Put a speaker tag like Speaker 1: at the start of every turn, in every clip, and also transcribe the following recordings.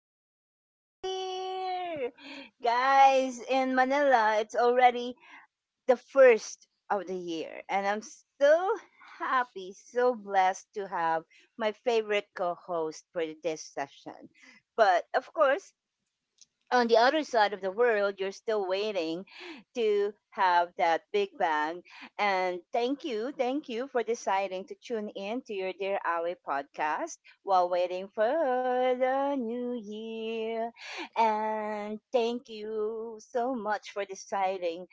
Speaker 1: Happy New Year! Guys, in Manila, it's already the first of the year, and I'm so happy, so blessed to have my favorite co host for this session. But of course, on the other side of the world, you're still waiting to have that big bang. And thank you for deciding to tune in to your Dear Ali podcast while waiting for the new year. And thank you so much for deciding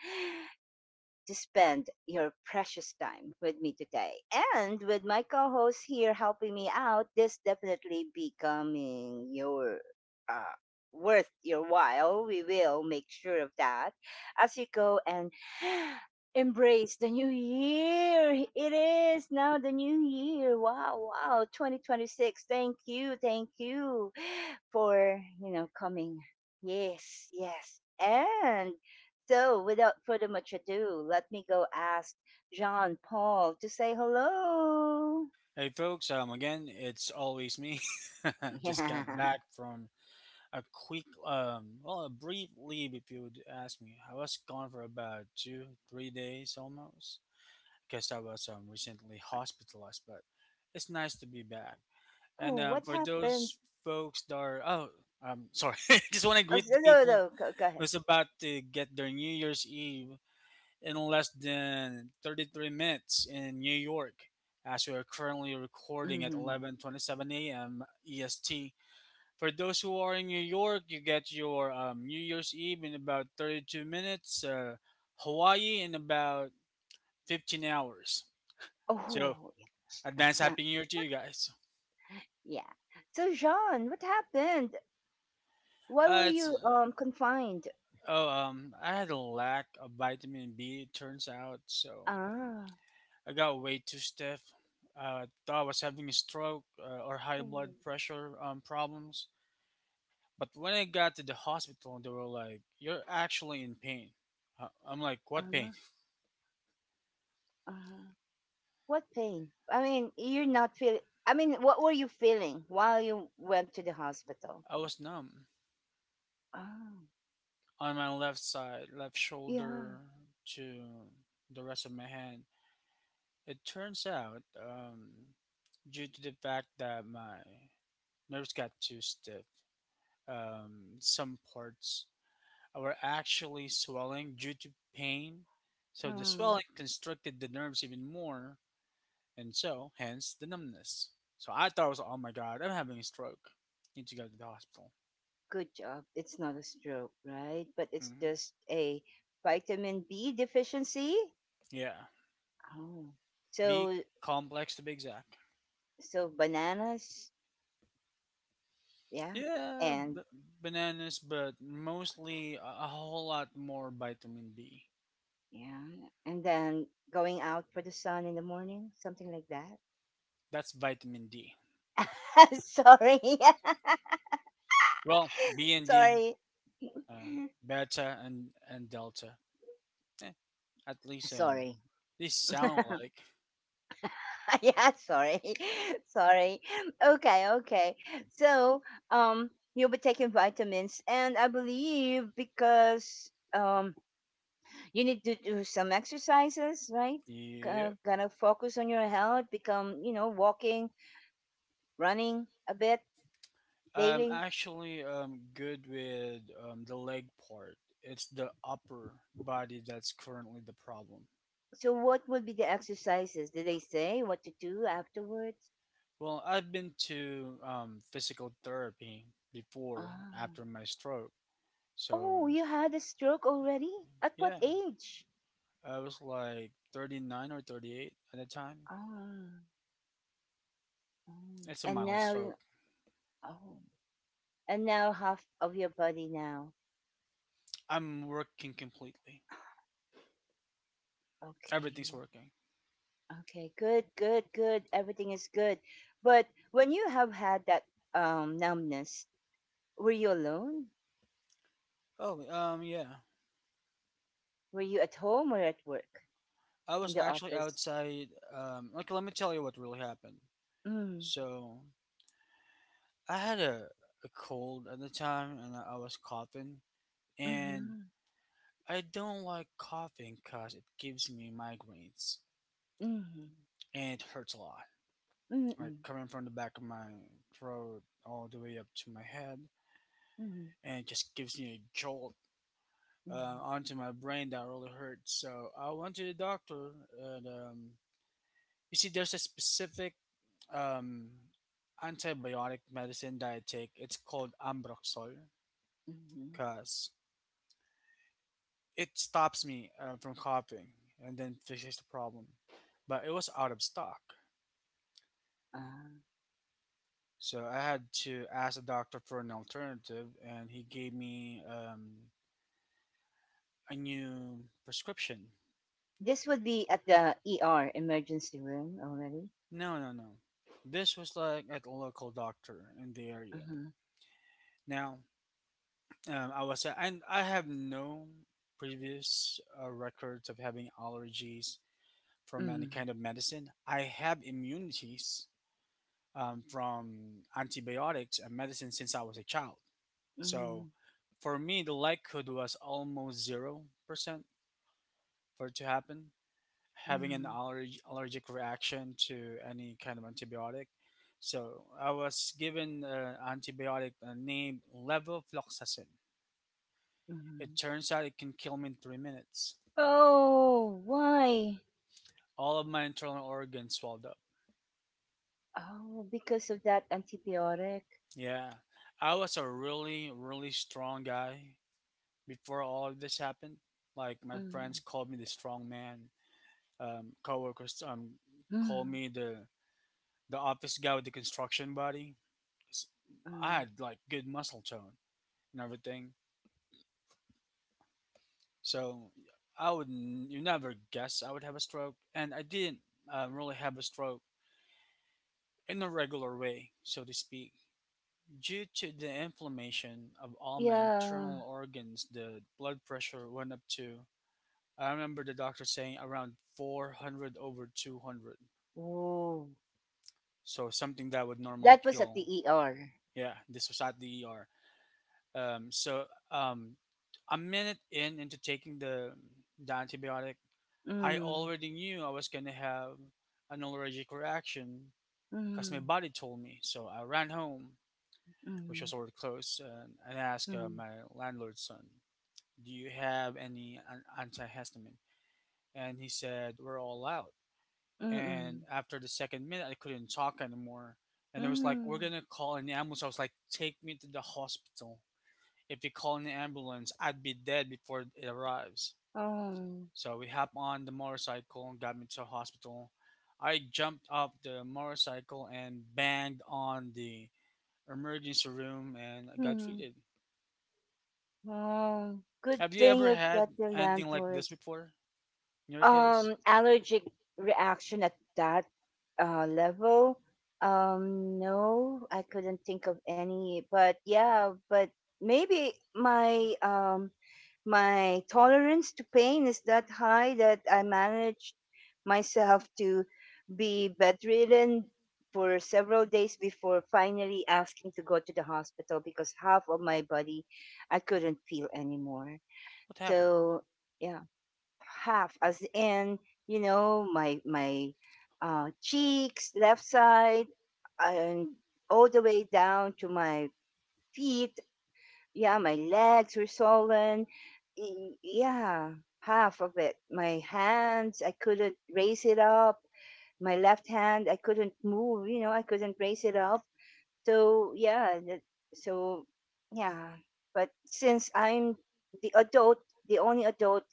Speaker 1: to spend your precious time with me today. And with my co host here helping me out, this definitely becoming your uh, worth your while. We will make sure of that as you go and embrace the new year. It is now the new year. Wow, wow, 2026. Thank you for coming. Yes, yes. And so, without further much ado, let me go ask John Paul to say hello.
Speaker 2: Hey folks, again, it's always me. Just got
Speaker 1: Yeah.
Speaker 2: back from a quick, a brief leave, if you would ask me. I was gone for about two, 3 days almost, because I was recently hospitalized. But it's nice to be back. And
Speaker 1: Oh, what
Speaker 2: for
Speaker 1: happened?
Speaker 2: those folks that are, oh, I'm sorry. Just want to
Speaker 1: Oh,
Speaker 2: greet the
Speaker 1: no,
Speaker 2: people
Speaker 1: no, go, go ahead.
Speaker 2: who's about to get their New Year's Eve in less than 33 minutes in New York as we are currently recording at
Speaker 1: Mhm.
Speaker 2: 11:27 a.m. EST. For those who are in New York, you get your New Year's Eve in about 32 minutes, Hawaii in about 15 hours. So,
Speaker 1: Oh,
Speaker 2: advance
Speaker 1: yeah.
Speaker 2: happy new year to you guys.
Speaker 1: yeah. So, John, what happened? Why were
Speaker 2: It's
Speaker 1: you confined?
Speaker 2: oh I had a lack of vitamin B it turns out, so
Speaker 1: Ah.
Speaker 2: I got way too stiff. Thought I was having a stroke or high
Speaker 1: Oh,
Speaker 2: blood pressure problems. But when I got to the hospital, they were like, "You're actually in pain." I'm like, "What pain?"
Speaker 1: uh-huh. Uh-huh. What pain? I mean, you're not feeling. I mean, what were you feeling while you went to the hospital?
Speaker 2: I was numb
Speaker 1: Ah.
Speaker 2: on my left side, left
Speaker 1: Yeah.
Speaker 2: shoulder to the rest of my hand. It turns out, due to the fact that my nerves got too stiff, some parts were actually swelling due to pain. So the swelling constricted the nerves even more, and so hence the numbness. So I thought it was, oh my god, I'm having a stroke. Need to go to the hospital.
Speaker 1: Good job. It's not a stroke, right? But it's
Speaker 2: hmm
Speaker 1: just a vitamin B deficiency.
Speaker 2: Yeah,
Speaker 1: Oh.
Speaker 2: B
Speaker 1: So
Speaker 2: complex to be exact.
Speaker 1: so bananas, yeah.
Speaker 2: Yeah,
Speaker 1: And
Speaker 2: b- Bananas, but mostly a whole lot more vitamin B.
Speaker 1: yeah. And then going out for the sun in the morning, something like that.
Speaker 2: That's vitamin D.
Speaker 1: sorry.
Speaker 2: Well, B and D,
Speaker 1: sorry.
Speaker 2: uh, beta and delta. Eh, at least
Speaker 1: Sorry.
Speaker 2: these sound alike.
Speaker 1: yeah, sorry. sorry. Okay, okay. So, um you'll be taking vitamins and I believe because you need to do some exercises, right?
Speaker 2: Yeah,
Speaker 1: Gonna focus on your health, become, you know, walking, running a bit
Speaker 2: I'm
Speaker 1: daily.
Speaker 2: actually good with the leg part. It's the upper body that's currently the problem.
Speaker 1: So, what would be the exercises? Did they say what to do afterwards?
Speaker 2: Well, I've been to physical therapy before
Speaker 1: Ah.
Speaker 2: after my stroke. So
Speaker 1: Oh, you had a stroke already? At what
Speaker 2: yeah,
Speaker 1: age?
Speaker 2: I was like 39 or 38 at the time.
Speaker 1: Ah. Oh.
Speaker 2: It's a
Speaker 1: And
Speaker 2: mild
Speaker 1: now,
Speaker 2: stroke.
Speaker 1: oh, and now half of your body now.
Speaker 2: I'm working completely. Everything's
Speaker 1: Okay,
Speaker 2: working.
Speaker 1: okay, good, good, good. Everything is good. But when you have had that numbness, were you alone?
Speaker 2: Oh, yeah.
Speaker 1: Were you at home or at work?
Speaker 2: I
Speaker 1: In
Speaker 2: was
Speaker 1: the
Speaker 2: actually
Speaker 1: office?
Speaker 2: outside like let me tell you what really happened.
Speaker 1: Mm.
Speaker 2: So I had a cold at the time and I was coughing, and
Speaker 1: Mm-hmm.
Speaker 2: I don't like coughing because it gives me migraines
Speaker 1: Mm-hmm.
Speaker 2: and it hurts a lot. Like
Speaker 1: Mm-hmm.
Speaker 2: coming from the back of my throat all the way up to my head,
Speaker 1: Mm-hmm.
Speaker 2: and it just gives me a jolt
Speaker 1: Mm-hmm.
Speaker 2: onto my brain that really hurts. So I went to the doctor, and you see, there's a specific um, antibiotic medicine that I take. It's called Ambroxol
Speaker 1: Mm-hmm.
Speaker 2: because it stops me from copying and then fixes the problem. But it was out of stock.
Speaker 1: Uh,
Speaker 2: So I had to ask the doctor for an alternative and he gave me a new prescription.
Speaker 1: this would be at the ER emergency room already.
Speaker 2: No, no, no. This was like at a local doctor in the area.
Speaker 1: Mm-hmm.
Speaker 2: Now, I was and I have no previous records of having allergies from
Speaker 1: Mm-hmm.
Speaker 2: any kind of medicine. I have immunities from antibiotics and medicine since I was a child.
Speaker 1: Mm-hmm.
Speaker 2: So for me, the likelihood was almost 0% for it to happen, having an
Speaker 1: Mm-hmm.
Speaker 2: allergic reaction to any kind of antibiotic. So I was given an antibiotic named levofloxacin.
Speaker 1: Mm-hmm.
Speaker 2: It turns out it can kill me in 3 minutes.
Speaker 1: Oh, why?
Speaker 2: All of my internal organs swelled up.
Speaker 1: Oh, because of that antibiotic.
Speaker 2: Yeah. I was a really, really strong guy before all of this happened. Like my
Speaker 1: Mm.
Speaker 2: friends called me the strong man. Coworkers called
Speaker 1: Mm.
Speaker 2: me the office guy with the construction body. 'Cause I
Speaker 1: Mm.
Speaker 2: had like good muscle tone and everything. So you never guess I would have a stroke, and I didn't really have a stroke in a regular way, so to speak, due to the inflammation of all my internal
Speaker 1: Yeah.
Speaker 2: organs. The blood pressure went up to, I remember the doctor saying, around 400 over 200.
Speaker 1: Oh,
Speaker 2: So something that would normally
Speaker 1: that was at
Speaker 2: kill.
Speaker 1: the ER.
Speaker 2: Yeah, this was at the ER. Um, so um, a minute in into taking the antibiotic, I
Speaker 1: Mm.
Speaker 2: already knew I was going to have an allergic reaction because my
Speaker 1: Mm.
Speaker 2: body told me. So I ran home, which
Speaker 1: Mm,
Speaker 2: was already close, and asked
Speaker 1: mm,
Speaker 2: my landlord's son, "Do you have any antihistamine?" And he said, "We're all out." And
Speaker 1: mm,
Speaker 2: after the second minute, I couldn't talk anymore and it was like, "We're
Speaker 1: mm.
Speaker 2: gonna call an ambulance." I was like, "Take me to the hospital. If you call an ambulance, I'd be dead before it arrives."
Speaker 1: Oh,
Speaker 2: So we hop on the motorcycle and got me to the hospital. I jumped off the motorcycle and banged on the emergency room and I got
Speaker 1: mm,
Speaker 2: treated.
Speaker 1: oh. Good
Speaker 2: Have you
Speaker 1: thing
Speaker 2: ever
Speaker 1: you
Speaker 2: had
Speaker 1: got your
Speaker 2: anything like
Speaker 1: landlord.
Speaker 2: this before in your case?
Speaker 1: Allergic reaction at that level. No, I couldn't think of any. But yeah, but maybe my my tolerance to pain is that high that I managed myself to be bedridden for several days before finally asking to go to the hospital because half of my body I couldn't feel anymore.
Speaker 2: What happened?
Speaker 1: So yeah, half as in you know my cheeks, left side, and all the way down to my feet, yeah, my legs were swollen. Yeah, half of it. My hands, I couldn't raise it up. My left hand, I couldn't move, you know, I couldn't raise it up. So, yeah, that, so, yeah. But since I'm the adult, the only adult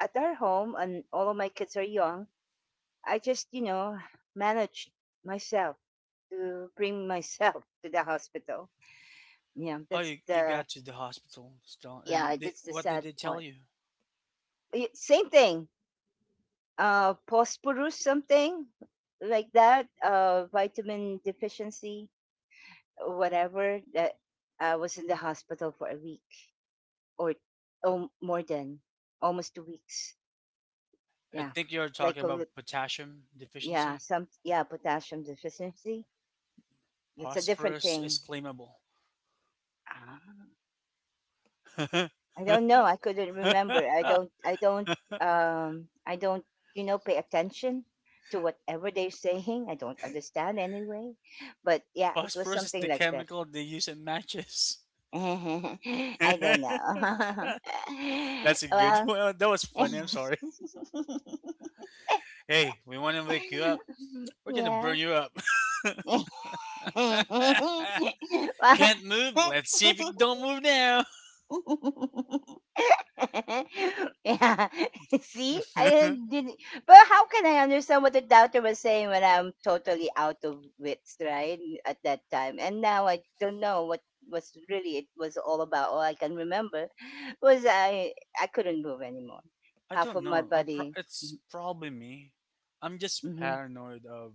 Speaker 1: at our home, and all of my kids are young, I just, you know, managed myself to bring myself to the hospital. Yeah,
Speaker 2: Oh,
Speaker 1: that's
Speaker 2: you
Speaker 1: the,
Speaker 2: got to the hospital still and
Speaker 1: yeah,
Speaker 2: they,
Speaker 1: that's the
Speaker 2: what did
Speaker 1: sad
Speaker 2: they tell
Speaker 1: part.
Speaker 2: you?
Speaker 1: Same thing. Phosphorus, something like that. Vitamin deficiency, or whatever. That I was in the hospital for a week or oh, more than almost 2 weeks.
Speaker 2: I
Speaker 1: Yeah,
Speaker 2: think you're
Speaker 1: like
Speaker 2: talking
Speaker 1: a,
Speaker 2: about
Speaker 1: lit-
Speaker 2: potassium
Speaker 1: yeah,
Speaker 2: deficiency.
Speaker 1: some yeah, potassium deficiency. It's a different
Speaker 2: Phosphorus
Speaker 1: thing.
Speaker 2: is flammable.
Speaker 1: Ah. I don't know. I couldn't remember. I don't. I don't. I don't. You know, pay attention to whatever they're saying. I don't understand anyway. But yeah, it was
Speaker 2: Phosphorus is
Speaker 1: something
Speaker 2: the
Speaker 1: like that.
Speaker 2: chemical they use in matches.
Speaker 1: I don't know.
Speaker 2: That's a good
Speaker 1: well,
Speaker 2: one. That was funny. I'm sorry. Hey, we want to wake you up. We're gonna
Speaker 1: yeah.
Speaker 2: burn you up. Can't move. Let's see if you don't move now.
Speaker 1: well, yeah. See, I
Speaker 2: I
Speaker 1: didn't. But how can I understand what the doctor was saying when I'm totally out of wits, right? At that time, and now I don't know what was really it was all about. All I can remember was I couldn't move anymore. Half
Speaker 2: don't
Speaker 1: of my
Speaker 2: know.
Speaker 1: body. mm-,
Speaker 2: It's probably me. I'm just
Speaker 1: Mm-hmm.
Speaker 2: paranoid of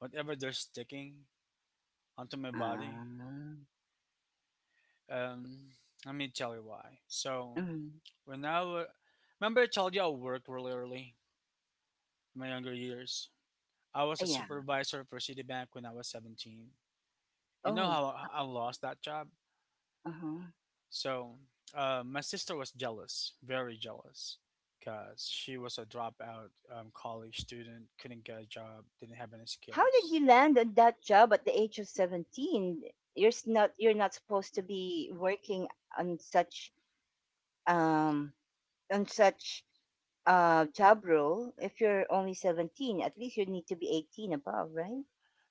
Speaker 2: whatever they're sticking onto my
Speaker 1: Ah.
Speaker 2: body. Um, let me tell you why. So
Speaker 1: Mm,
Speaker 2: when I wa- remember I told you I worked really early in my younger years. I was a
Speaker 1: yeah.
Speaker 2: supervisor for Citibank when I was 17. You know
Speaker 1: Oh.
Speaker 2: how I lost that job?
Speaker 1: Uh huh.
Speaker 2: So my sister was jealous, very jealous, because she was a dropout college student, couldn't get a job, didn't have any
Speaker 1: How did
Speaker 2: skills.
Speaker 1: you land on that job at the age of 17? You're s- not. You're not supposed to be working on such um, on such job role, if you're only 17, at least you need to be 18 above, right?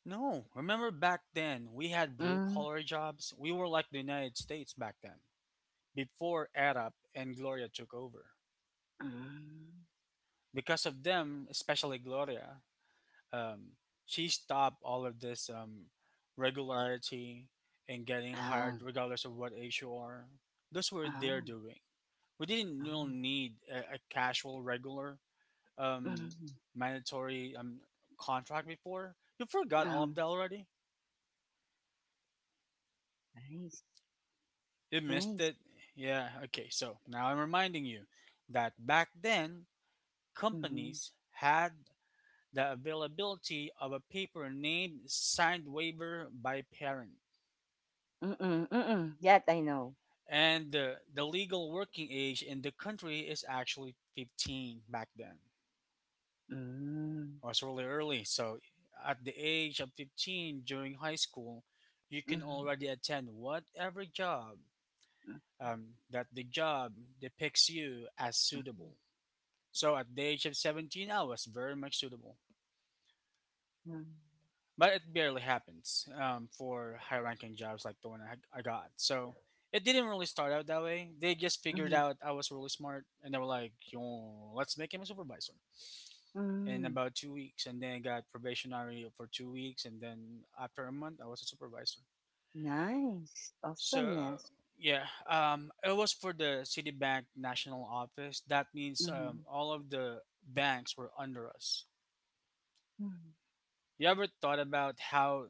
Speaker 2: No, remember back then we had blue
Speaker 1: Mm.
Speaker 2: collar jobs. We were like the United States back then before Arab and Gloria took over.
Speaker 1: Mm.
Speaker 2: Because of them, especially Gloria, um, she stopped all of this regularity and getting hired
Speaker 1: Oh,
Speaker 2: regardless of what age you are. Those were their
Speaker 1: oh,
Speaker 2: doing. We didn't really
Speaker 1: oh,
Speaker 2: need a casual, regular, um,
Speaker 1: mm,
Speaker 2: mandatory contract before. You forgot all
Speaker 1: oh.
Speaker 2: of that already?
Speaker 1: Nice,
Speaker 2: You missed
Speaker 1: nice.
Speaker 2: it? Yeah, okay. So now I'm reminding you that back then,
Speaker 1: Mm.
Speaker 2: companies had the availability of a paper named signed waiver by parent.
Speaker 1: Mm-mm, mm-mm. That I know.
Speaker 2: And the legal working age in the country is actually 15 back then.
Speaker 1: Mm.
Speaker 2: Or it's really early. So at the age of 15 during high school, you can
Speaker 1: Mm.
Speaker 2: already attend whatever job
Speaker 1: Mm.
Speaker 2: that the job depicts you as
Speaker 1: Mm.
Speaker 2: suitable. So at the age of 17, I was very much suitable,
Speaker 1: Mm.
Speaker 2: but it barely happens for high ranking jobs like the one I got. So it didn't really start out that way. They just figured
Speaker 1: Mm.
Speaker 2: out I was really smart and they were like, "Yo, let's make him a supervisor," in
Speaker 1: Mm.
Speaker 2: about 2 weeks. And then I got probationary for 2 weeks. And then after a month, I was a supervisor.
Speaker 1: Nice.
Speaker 2: So
Speaker 1: Awesomeness.
Speaker 2: yeah, it was for the Citibank national office. That means
Speaker 1: Mm.
Speaker 2: all of the banks were under us.
Speaker 1: Mm.
Speaker 2: You ever thought about how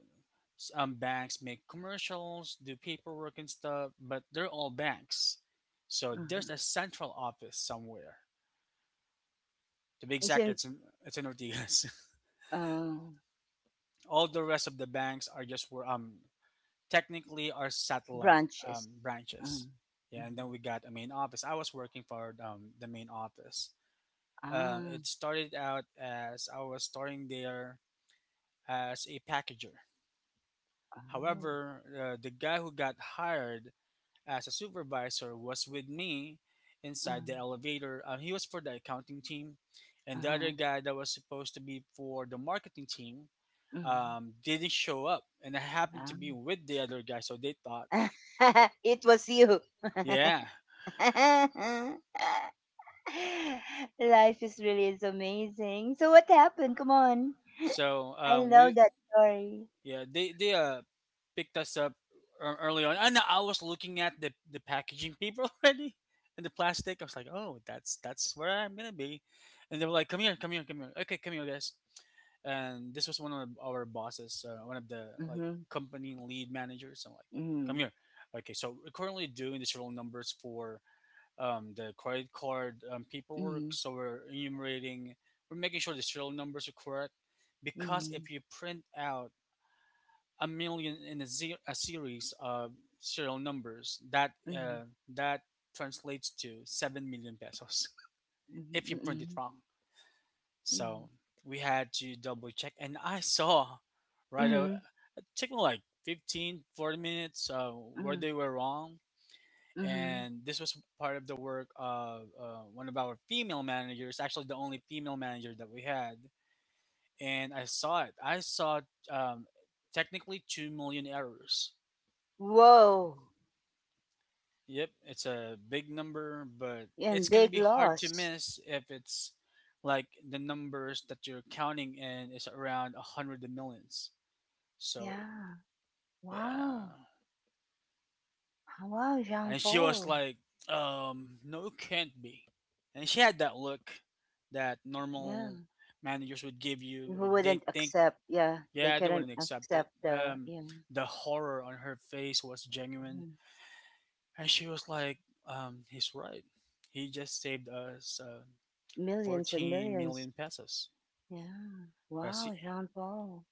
Speaker 2: banks make commercials, do paperwork and stuff, but they're all banks. So there's a
Speaker 1: Mm.
Speaker 2: central office somewhere. To be exact,
Speaker 1: Isn't
Speaker 2: it's in Ortigas.
Speaker 1: uh,
Speaker 2: All the rest of the banks are just where technically are satellite
Speaker 1: branches.
Speaker 2: branches.
Speaker 1: Mm.
Speaker 2: Yeah, and then
Speaker 1: Mm.
Speaker 2: we got a main office. I was working for the main office.
Speaker 1: Ah,
Speaker 2: It started out as I was starting there as a packager.
Speaker 1: oh.
Speaker 2: However, the guy who got hired as a supervisor was with me inside the
Speaker 1: Mhm.
Speaker 2: elevator. He was for the accounting team, and the other
Speaker 1: Uh-huh.
Speaker 2: guy that was supposed to be for the marketing team
Speaker 1: Mhm.
Speaker 2: didn't show up, and I happened to
Speaker 1: Ah.
Speaker 2: be with the other guy, so they thought,
Speaker 1: it was you.
Speaker 2: yeah.
Speaker 1: Life is really is amazing. So what happened? Come on.
Speaker 2: So
Speaker 1: I
Speaker 2: we
Speaker 1: love that story.
Speaker 2: yeah, they picked us up ear- early on, and I was looking at the packaging paper already and the plastic. I was like, oh, that's where I'm gonna be, and they were like, "Come here, come here, come here. Okay, come here, guys." And this was one of our bosses, one of the like
Speaker 1: Mhm.
Speaker 2: company lead managers. So I'm like, come
Speaker 1: Mhm.
Speaker 2: here. Okay, so we're currently doing the serial numbers for the credit card paperwork. So we're enumerating, we're making sure the serial numbers are correct because
Speaker 1: Mhm.
Speaker 2: if you print out a million in a series of serial numbers that
Speaker 1: Mhm.
Speaker 2: uh, that translates to 7 million pesos
Speaker 1: Mhm.
Speaker 2: if you print it
Speaker 1: Mhm.
Speaker 2: wrong.
Speaker 1: Mhm.
Speaker 2: So we had to double check, and I saw right.
Speaker 1: Mhm.
Speaker 2: It took me like 15-40 minutes, where
Speaker 1: Mhm.
Speaker 2: they were wrong.
Speaker 1: Mhm.
Speaker 2: And this was part of the work of one of our female managers, actually the only female manager that we had. And I saw um, technically 2 million errors.
Speaker 1: Whoa.
Speaker 2: Yep, it's a big number, but it's
Speaker 1: And
Speaker 2: going to
Speaker 1: big
Speaker 2: be hard to
Speaker 1: loss.
Speaker 2: miss if it's like the numbers that you're counting in is around a hundred millions. So,
Speaker 1: Yeah. Wow.
Speaker 2: yeah.
Speaker 1: Wow, Jean
Speaker 2: And she was
Speaker 1: Paul.
Speaker 2: like, no, it can't be. And she had that look that
Speaker 1: Yeah.
Speaker 2: normal managers would give you
Speaker 1: Who
Speaker 2: if they
Speaker 1: wouldn't
Speaker 2: think,
Speaker 1: accept, yeah, they
Speaker 2: yeah, they
Speaker 1: couldn't
Speaker 2: wouldn't accept it.
Speaker 1: accept the, yeah,
Speaker 2: The horror on her face was genuine.
Speaker 1: mhm.
Speaker 2: And she was like, he's right, he just saved us,
Speaker 1: Millions and
Speaker 2: 14
Speaker 1: millions,
Speaker 2: million pesos,
Speaker 1: yeah,
Speaker 2: because
Speaker 1: wow, Jean Paul.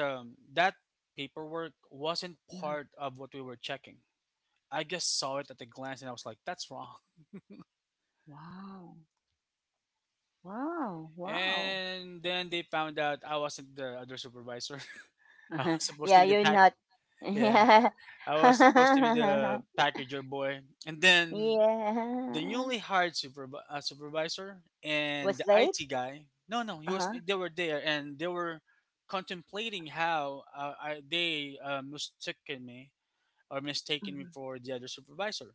Speaker 2: that paperwork wasn't
Speaker 1: Mhm.
Speaker 2: part of what we were checking. I just saw it at a glance, and I was like, that's wrong.
Speaker 1: Wow. Wow, wow.
Speaker 2: And then they found out I wasn't the other supervisor. I was supposed to
Speaker 1: yeah,
Speaker 2: be the
Speaker 1: you're
Speaker 2: pack,
Speaker 1: not.
Speaker 2: yeah,
Speaker 1: Yeah.
Speaker 2: I was supposed to be the packager boy. And then the
Speaker 1: Yeah,
Speaker 2: newly hired supervisor and
Speaker 1: was
Speaker 2: the
Speaker 1: late.
Speaker 2: IT guy, no no, he was,
Speaker 1: Uh-huh.
Speaker 2: they were there, and they were contemplating how I, they mistaken me or mistaken me
Speaker 1: Mhm.
Speaker 2: for the other supervisor.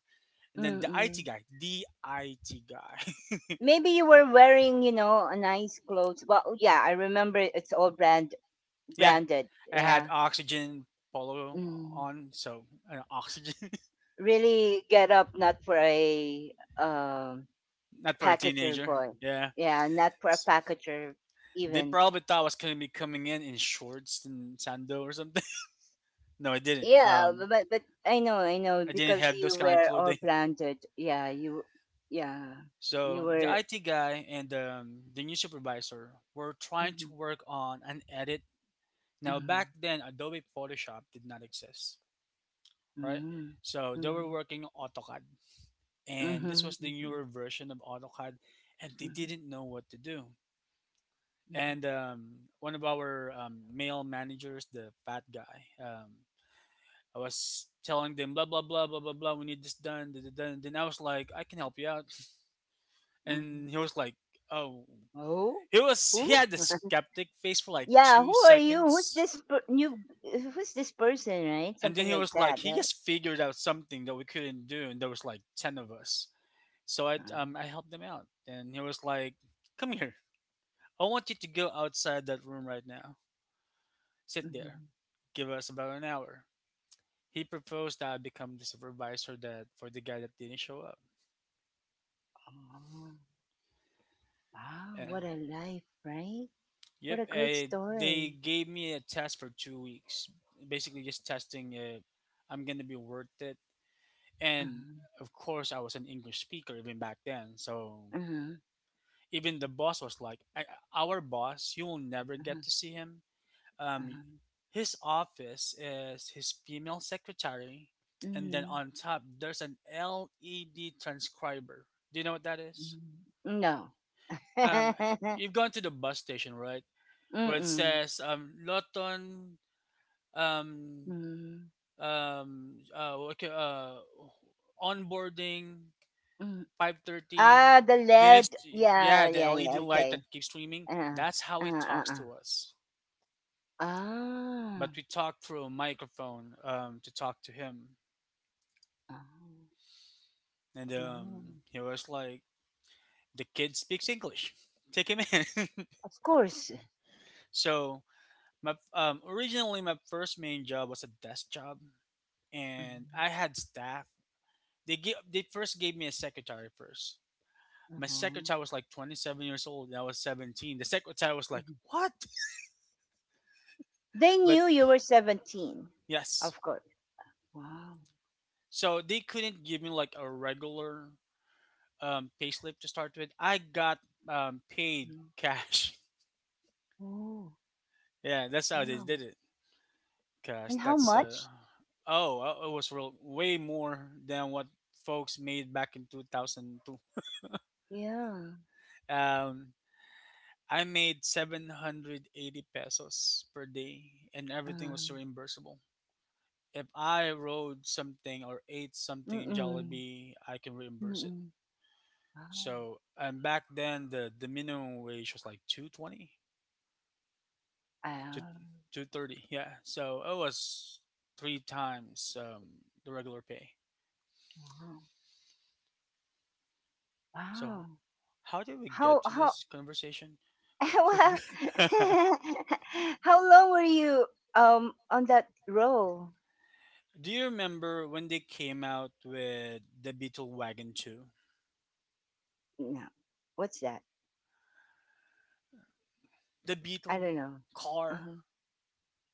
Speaker 2: And then the IT
Speaker 1: Mm-mm.
Speaker 2: guy, the IT guy.
Speaker 1: Maybe you were wearing, you know, a nice clothes. Well, yeah, I remember it's all brand,
Speaker 2: Yeah,
Speaker 1: branded,
Speaker 2: I had
Speaker 1: yeah.
Speaker 2: oxygen polo
Speaker 1: Mm.
Speaker 2: on, so oxygen,
Speaker 1: Really get up not for a um
Speaker 2: not for a
Speaker 1: packager
Speaker 2: teenager.
Speaker 1: boy.
Speaker 2: Yeah.
Speaker 1: Yeah, not for a
Speaker 2: S-
Speaker 1: packager
Speaker 2: They
Speaker 1: even.
Speaker 2: probably thought I was going to be coming in shorts and sando or something. No, I didn't.
Speaker 1: Yeah, but I know
Speaker 2: I didn't
Speaker 1: because
Speaker 2: have
Speaker 1: you
Speaker 2: those kind of
Speaker 1: were all
Speaker 2: clothing.
Speaker 1: blinded. Yeah, you, yeah, you
Speaker 2: So the
Speaker 1: were
Speaker 2: IT guy and the new supervisor were trying
Speaker 1: mhm,
Speaker 2: to work on an edit. Now back
Speaker 1: mhm,
Speaker 2: then, Adobe Photoshop did not exist, right?
Speaker 1: mhm,
Speaker 2: So they were
Speaker 1: mhm,
Speaker 2: working on AutoCAD, and this
Speaker 1: mhm,
Speaker 2: was the
Speaker 1: mhm,
Speaker 2: newer version of AutoCAD, and they
Speaker 1: mhm,
Speaker 2: didn't know what to do.
Speaker 1: mhm,
Speaker 2: And one of our male managers, the fat guy, I was telling them, blah blah blah blah blah blah. We need this done. Da, da, da. And then I was like, I can help you out. And
Speaker 1: mhm.
Speaker 2: he was like, oh,
Speaker 1: Oh,
Speaker 2: he was
Speaker 1: who?
Speaker 2: he had the skeptic face for like
Speaker 1: Yeah,
Speaker 2: two
Speaker 1: who are you?
Speaker 2: seconds,
Speaker 1: New? Who's this person? Right,
Speaker 2: and then
Speaker 1: something
Speaker 2: he
Speaker 1: like
Speaker 2: was like,
Speaker 1: that,
Speaker 2: he
Speaker 1: right?
Speaker 2: just figured out something that we couldn't do, and there was like ten of us. So I
Speaker 1: Uh,
Speaker 2: um I helped him out, and he was like, "Come here. I want you to go outside that room right now. Sit there.
Speaker 1: mhm.
Speaker 2: Give us about an hour." He proposed that I become the supervisor, that for the guy that didn't show up,
Speaker 1: Oh, wow,
Speaker 2: and
Speaker 1: what a life, right?
Speaker 2: yep,
Speaker 1: What a great
Speaker 2: they
Speaker 1: story.
Speaker 2: gave me a test for 2 weeks, basically just testing if I'm gonna be worth it. And
Speaker 1: Uh-huh.
Speaker 2: of course, I was an English speaker even back then, so
Speaker 1: Uh-huh.
Speaker 2: even the boss was like, I, "Our boss, you will never get
Speaker 1: Uh-huh.
Speaker 2: to see him. Um,
Speaker 1: Uh-huh.
Speaker 2: his office is his female secretary, and then
Speaker 1: Mm-hmm.
Speaker 2: on top there's an LED transcriber. Do you know what that is?
Speaker 1: Mm-hmm. No.
Speaker 2: Um, you've gone to the bus station, right? Where it
Speaker 1: Mm-mm.
Speaker 2: says Loton um
Speaker 1: Mm-mm.
Speaker 2: um uh, okay, uh onboarding
Speaker 1: Mm.
Speaker 2: 5:30.
Speaker 1: Ah, the
Speaker 2: Then it's,
Speaker 1: left.
Speaker 2: yeah,
Speaker 1: Yeah,
Speaker 2: the
Speaker 1: yeah, yeah.
Speaker 2: LED light that
Speaker 1: Okay.
Speaker 2: keeps streaming.
Speaker 1: Uh,
Speaker 2: That's how
Speaker 1: uh,
Speaker 2: he
Speaker 1: uh,
Speaker 2: talks
Speaker 1: uh.
Speaker 2: to us.
Speaker 1: Ah.
Speaker 2: But we talk through a microphone, to talk to him.
Speaker 1: Oh.
Speaker 2: And
Speaker 1: Oh.
Speaker 2: he was like, "The kid speaks English. Take him in."
Speaker 1: Of course.
Speaker 2: So my originally, my first main job was a desk job, and
Speaker 1: Mhm.
Speaker 2: I had staff. They first gave me a secretary first. My
Speaker 1: Uh-huh.
Speaker 2: secretary was like 27 years old, and I was 17. The secretary was like,
Speaker 1: Mhm.
Speaker 2: "What?"
Speaker 1: They
Speaker 2: But
Speaker 1: knew you were 17.
Speaker 2: yes,
Speaker 1: Of course. Wow.
Speaker 2: so they couldn't give me like a regular payslip to start with. I got paid
Speaker 1: Mhm.
Speaker 2: cash.
Speaker 1: Oh,
Speaker 2: Yeah, that's how they
Speaker 1: wow.
Speaker 2: did. Gosh,
Speaker 1: And how
Speaker 2: that's uh,
Speaker 1: much?
Speaker 2: oh, it was real, way more than what folks made back in 2002.
Speaker 1: Yeah.
Speaker 2: Um, I made 780 pesos per day, and everything was
Speaker 1: Um,
Speaker 2: reimbursable. If I rode something or ate something in
Speaker 1: mm-mm.
Speaker 2: Jollibee, I can reimburse it.
Speaker 1: Mm-mm. Wow.
Speaker 2: So, and back then, the minimum wage was like 220 to
Speaker 1: Ah,
Speaker 2: 230. Yeah. So, it was three times the regular pay.
Speaker 1: wow.
Speaker 2: So,
Speaker 1: Wow.
Speaker 2: how did we get
Speaker 1: How
Speaker 2: to
Speaker 1: how
Speaker 2: this conversation?
Speaker 1: well,
Speaker 2: Forget-
Speaker 1: how long were you on that row?
Speaker 2: Do you remember when they came out with the Beetle Wagon 2?
Speaker 1: No. What's that?
Speaker 2: The
Speaker 1: I
Speaker 2: Beetle
Speaker 1: don't know.
Speaker 2: car.
Speaker 1: Uh-huh.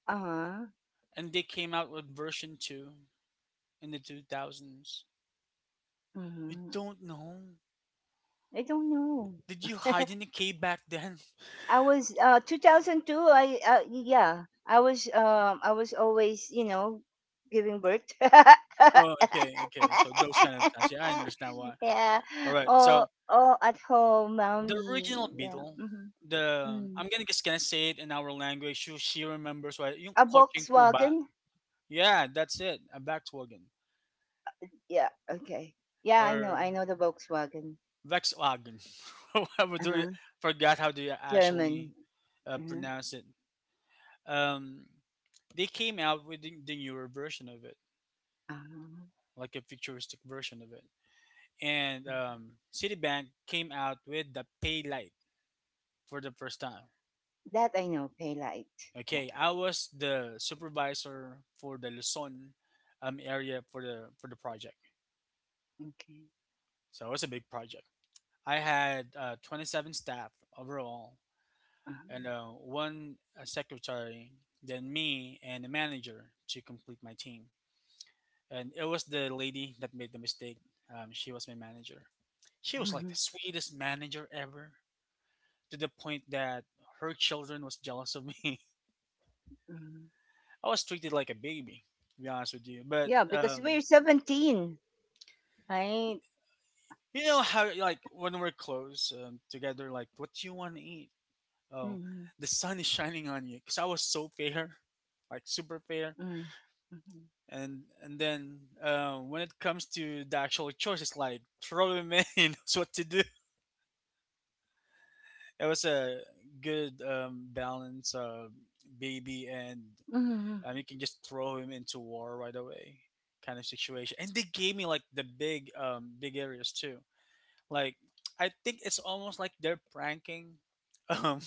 Speaker 1: Uh-huh.
Speaker 2: And they came out with version 2 in the 2000s. You
Speaker 1: Mm-hmm.
Speaker 2: don't know?
Speaker 1: I don't know.
Speaker 2: Did you hide in a cave back then?
Speaker 1: I was 2002, I yeah, I was always, you know, giving birth.
Speaker 2: Oh, okay, okay. So those kind of times. Yeah, I understand why.
Speaker 1: Yeah,
Speaker 2: All right. So
Speaker 1: all at home
Speaker 2: the
Speaker 1: mommy,
Speaker 2: original
Speaker 1: yeah,
Speaker 2: Beetle,
Speaker 1: hmm,
Speaker 2: the,
Speaker 1: mm.
Speaker 2: I'm gonna just gonna say it in our language. She remembers why. Yung
Speaker 1: A
Speaker 2: Coaching Kuba.
Speaker 1: Volkswagen,
Speaker 2: Yeah, that's it. A Volkswagen.
Speaker 1: yeah, okay, yeah, I know,
Speaker 2: Or
Speaker 1: I know the Volkswagen.
Speaker 2: Volkswagen. However, do you,
Speaker 1: Uh-huh.
Speaker 2: forgot how do you actually
Speaker 1: German. Uh-huh.
Speaker 2: pronounce it. Um, they came out with the newer version of it,
Speaker 1: Uh-huh. Uh-huh.
Speaker 2: like a futuristic version of it. And Citibank came out with the Pay Light for the first time.
Speaker 1: That I know, pay light, yeah,
Speaker 2: Okay, I was the supervisor for the Luzon area for the project,
Speaker 1: okay,
Speaker 2: so it was a big project. I had 27 staff overall,
Speaker 1: uh-huh.
Speaker 2: and one secretary, then me and a manager to complete my team. And it was the lady that made the mistake. She was my manager. She was like
Speaker 1: Mhm.
Speaker 2: the sweetest manager ever, to the point that her children was jealous of me.
Speaker 1: Mhm.
Speaker 2: I was treated like a baby, to be honest with you. But
Speaker 1: Yeah, because we're 17, right?
Speaker 2: you know how like when we're close together, like what do you want to eat? Oh,
Speaker 1: Mhm.
Speaker 2: the sun is shining on you because I was so fair, like super fair,
Speaker 1: Mm. Mhm.
Speaker 2: and and then when it comes to the actual choice, it's like throwing me knows what to do. It was a good balance of baby and
Speaker 1: Mhm.
Speaker 2: you can just throw him into war right away kind of situation. And they gave me like the big big areas too. Like, I think it's almost like they're pranking. um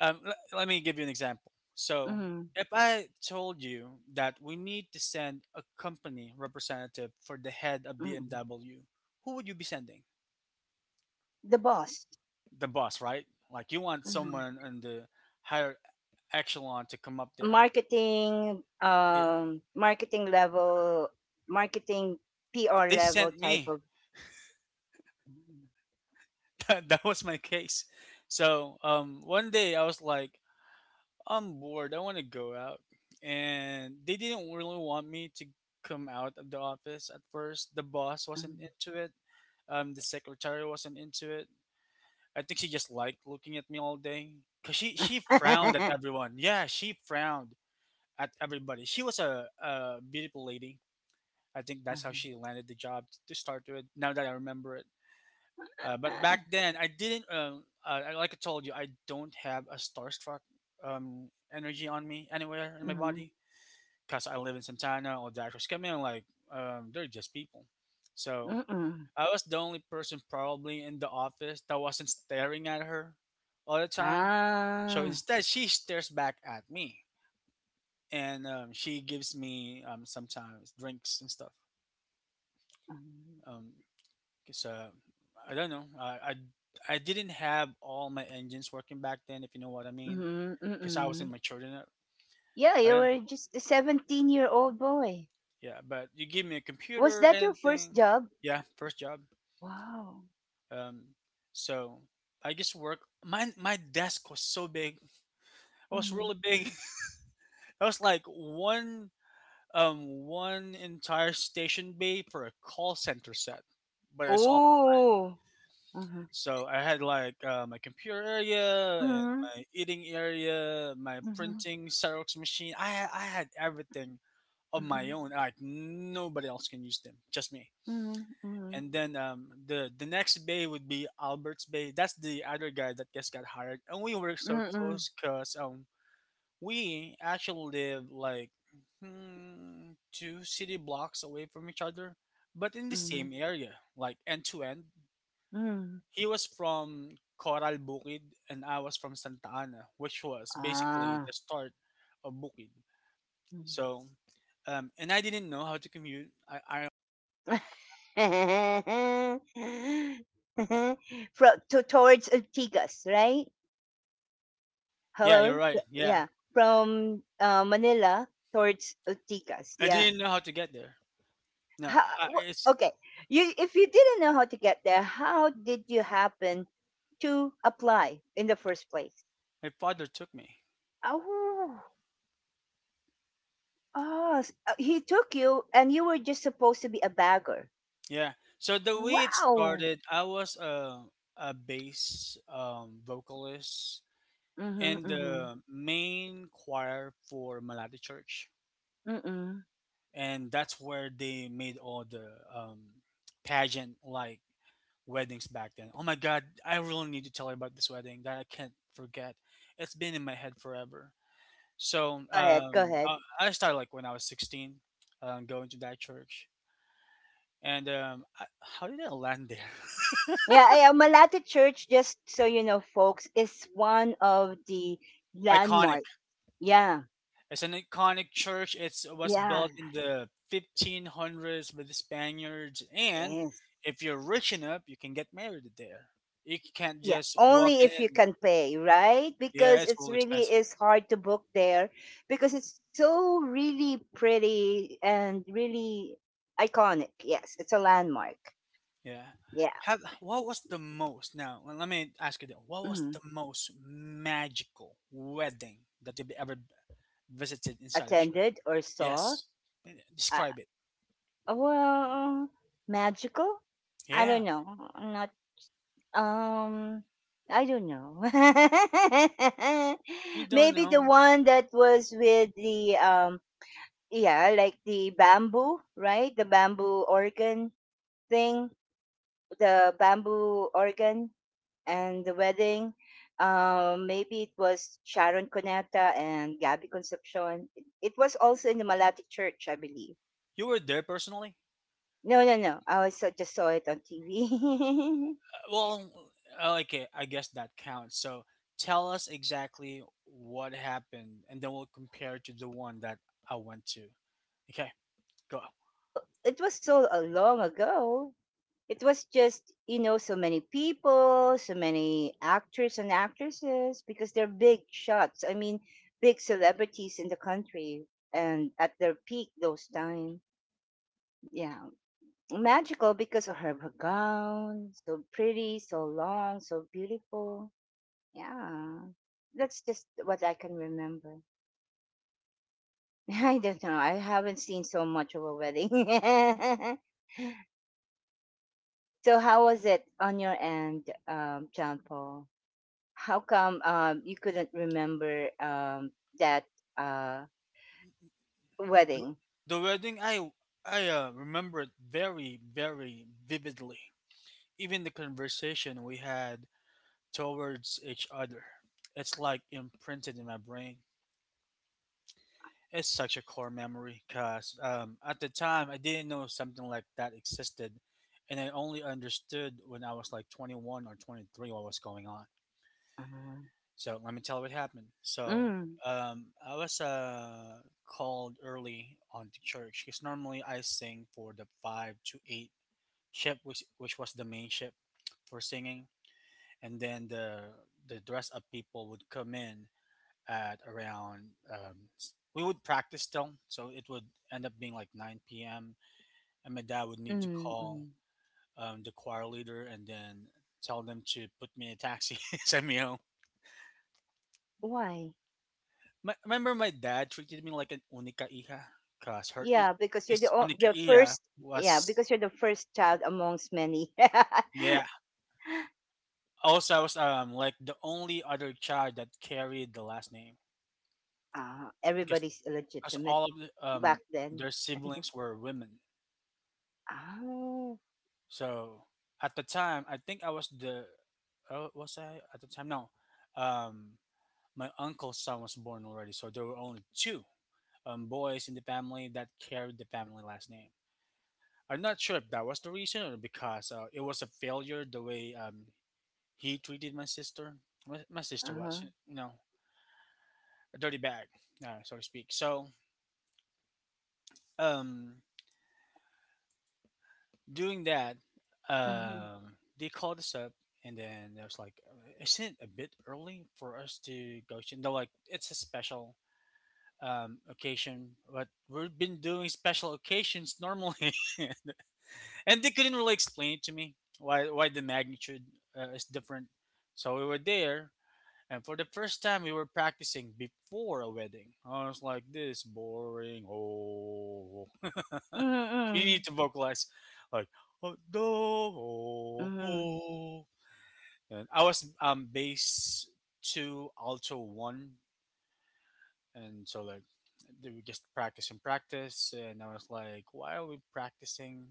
Speaker 2: Let me give you an example. So,
Speaker 1: Mhm.
Speaker 2: if I told you that we need to send a company representative for the head of
Speaker 1: Mhm.
Speaker 2: BMW, who would you be sending?
Speaker 1: The boss.
Speaker 2: The boss, right? Like, you want
Speaker 1: Mhm.
Speaker 2: someone in the higher echelon to come up there.
Speaker 1: Marketing,
Speaker 2: Yeah.
Speaker 1: marketing level, marketing PR
Speaker 2: They
Speaker 1: level
Speaker 2: sent
Speaker 1: type
Speaker 2: me.
Speaker 1: of. Mhm.
Speaker 2: That, that was my case. So, one day I was like, I'm bored. I want to go out. And they didn't really want me to come out of the office at first. The boss wasn't
Speaker 1: Mhm.
Speaker 2: into it. The secretary wasn't into it. I think she just liked looking at me all day. Cause she frowned at everyone. Yeah, she frowned at everybody. She was a beautiful lady. I think that's how
Speaker 1: Uh-huh.
Speaker 2: she landed the job to start with. Now that I remember it, but back then, I didn't. Like I told you, I don't have a starstruck energy on me anywhere in my
Speaker 1: Mhm.
Speaker 2: body because I live in Santana or Dashers come in like they're just people. So
Speaker 1: Mm-mm.
Speaker 2: I was the only person probably in the office that wasn't staring at her all the time. So
Speaker 1: Ah.
Speaker 2: instead, she stares back at me, and she gives me sometimes drinks and stuff.
Speaker 1: Mm.
Speaker 2: Um, Cause I don't know. I didn't have all my engines working back then, if you know what I mean.
Speaker 1: Hmm.
Speaker 2: Cause I wasn't
Speaker 1: Mm-mm.
Speaker 2: mature enough.
Speaker 1: Yeah,
Speaker 2: I
Speaker 1: you
Speaker 2: didn't.
Speaker 1: were just a 17-year-old boy.
Speaker 2: Yeah, but you give me a
Speaker 1: Was
Speaker 2: computer,
Speaker 1: that your first
Speaker 2: anything.
Speaker 1: job?
Speaker 2: Yeah, first job.
Speaker 1: Wow.
Speaker 2: Um, so I just work. My desk was so big. It was really big. It was like one entire station bay for a call center set, but it's,
Speaker 1: Oh. Mhm.
Speaker 2: so I had like my computer area and
Speaker 1: Mhm.
Speaker 2: my eating area, my
Speaker 1: Mhm.
Speaker 2: printing Xerox machine. I had everything of my
Speaker 1: Mhm.
Speaker 2: own. Like nobody else can use them, just me.
Speaker 1: Mhm. Mhm.
Speaker 2: And then the next bay would be Albert's Bay. That's the other guy that just got hired, and we were so close because we actually live like, hmm, two city blocks away from each other, but in
Speaker 1: Mm,
Speaker 2: the
Speaker 1: mm,
Speaker 2: same area, like end to end.
Speaker 1: mm.
Speaker 2: He was from Coral Bukid and I was from Santa Ana, which was basically
Speaker 1: Ah.
Speaker 2: the start of Bukid.
Speaker 1: Mm.
Speaker 2: So, and I didn't know how to commute. I
Speaker 1: Fro to towards Ortigas, right?
Speaker 2: Yeah, you're
Speaker 1: Hello?
Speaker 2: right. Yeah,
Speaker 1: Yeah. From Manila towards Ortigas.
Speaker 2: I
Speaker 1: Yeah.
Speaker 2: didn't know how to get there. No, I, it's
Speaker 1: Okay. You if you didn't know how to get there, how did you happen to apply in the first place?
Speaker 2: My father took me.
Speaker 1: Oh. Oh, he took you, and you were just supposed to be a bagger.
Speaker 2: Yeah. So the way it
Speaker 1: Wow.
Speaker 2: started, I was a a bass vocalist
Speaker 1: Mhm.
Speaker 2: in
Speaker 1: Mhm.
Speaker 2: the main choir for Malati Church.
Speaker 1: Mm.
Speaker 2: And that's where they made all the um, pageant like weddings back then. Oh my god, I really need to tell you about this wedding that I can't forget. It's been in my head forever. So
Speaker 1: Go ahead, go ahead.
Speaker 2: I started like when I was 16, going to that church. And how did I land there?
Speaker 1: Yeah, yeah, Malate Church, just so you know, folks, is one of the
Speaker 2: Iconic.
Speaker 1: landmark. Yeah,
Speaker 2: It's an iconic church. It's, it was
Speaker 1: yeah,
Speaker 2: built in the 1500s by the Spaniards. And
Speaker 1: yes.
Speaker 2: if you're rich enough, you can get married there. You can't
Speaker 1: Yeah,
Speaker 2: just walk
Speaker 1: only if you
Speaker 2: in.
Speaker 1: can pay, right?
Speaker 2: Yeah,
Speaker 1: Because
Speaker 2: it's
Speaker 1: it's
Speaker 2: all
Speaker 1: really
Speaker 2: expensive.
Speaker 1: is hard to book there because it's so really pretty and really iconic. Yes, it's a landmark.
Speaker 2: Yeah.
Speaker 1: Yeah.
Speaker 2: Have what was the most? Now, well, let me ask you this. What was the
Speaker 1: Mhm.
Speaker 2: most magical wedding that you've ever visited inside a church?
Speaker 1: Attended or saw.
Speaker 2: Yes. Eh,
Speaker 1: Uh,
Speaker 2: describe it.
Speaker 1: well, magical. I
Speaker 2: Yeah.
Speaker 1: don't know. I'm not. Um, I don't know.
Speaker 2: You don't
Speaker 1: Maybe the
Speaker 2: know.
Speaker 1: one that was with the yeah, like the bamboo, right? The bamboo organ thing, the bamboo organ, and the wedding. Maybe it was Sharon Cuneta and Gabby Concepcion. It was also in the Malati Church, I believe.
Speaker 2: You were there personally?
Speaker 1: No, no, no. I also just saw it on TV.
Speaker 2: Well, okay, I guess that counts. So, tell us exactly what happened and then we'll compare it to the one that I went to. Okay, go.
Speaker 1: Well, it was so long ago. It was just, you know, so many people, so many actors and actresses because they're big shots. I mean, big celebrities in the country and at their peak those times. Yeah. Magical because of her, her gown. So pretty, so long, so beautiful. Yeah. That's just what I can remember. I don't know. I haven't seen so much of a wedding. So how was it on your end, John Paul? How come you couldn't remember that uh
Speaker 2: The,
Speaker 1: wedding?
Speaker 2: the wedding, I remember it very vividly. Even the conversation we had towards each other, it's like imprinted in my brain. It's such a core memory because at the time I didn't know something like that existed, and I only understood when I was like 21 or 23 what was going on.
Speaker 1: Uh,
Speaker 2: So let me tell what happened. So
Speaker 1: mm,
Speaker 2: um, I was called early on to church because normally I sing for the 5 to 8 shift, which was the main shift for singing, and then the dress up people would come in at around. We would practice still, so it would end up being like 9 p.m. and my dad would need to
Speaker 1: mm,
Speaker 2: call
Speaker 1: mm.
Speaker 2: the choir leader and then tell them to put me in a taxi, send me home.
Speaker 1: Why?
Speaker 2: My, remember my dad treated me like an unica hija because
Speaker 1: Yeah, because you're the
Speaker 2: his unica
Speaker 1: the
Speaker 2: hija
Speaker 1: first. Yeah,
Speaker 2: was
Speaker 1: because you're the first child amongst many. Uh,
Speaker 2: yeah. Also, I was like the only other child that carried the last name, okay?
Speaker 1: everybody's
Speaker 2: Because
Speaker 1: legitimate
Speaker 2: all of the,
Speaker 1: back then.
Speaker 2: their siblings were women.
Speaker 1: Oh,
Speaker 2: So at the time, I think I was the oh, was I at the time no, um my uncle's son was born already, so there were only two boys in the family that carried the family last name. I'm not sure if that was the reason or because it was a failure the way he treated my sister. My sister
Speaker 1: uh-huh.
Speaker 2: was, you know, a dirty bag, so to speak. So, um, doing that,
Speaker 1: Mm-hmm.
Speaker 2: they called us up, and then it was like, isn't it a bit early for us to go? To-" And they're like, it's a special occasion, but we've been doing special occasions normally. And they couldn't really explain it to me why the magnitude is different. So we were there, and for the first time we were practicing before a wedding. I was like, this boring. Oh, we
Speaker 1: Mm-hmm.
Speaker 2: need to vocalize like oh, do, oh,
Speaker 1: Mm-hmm.
Speaker 2: oh. And I was bass two, alto one, and so like they would just practice and practice, and I was like, why are we practicing?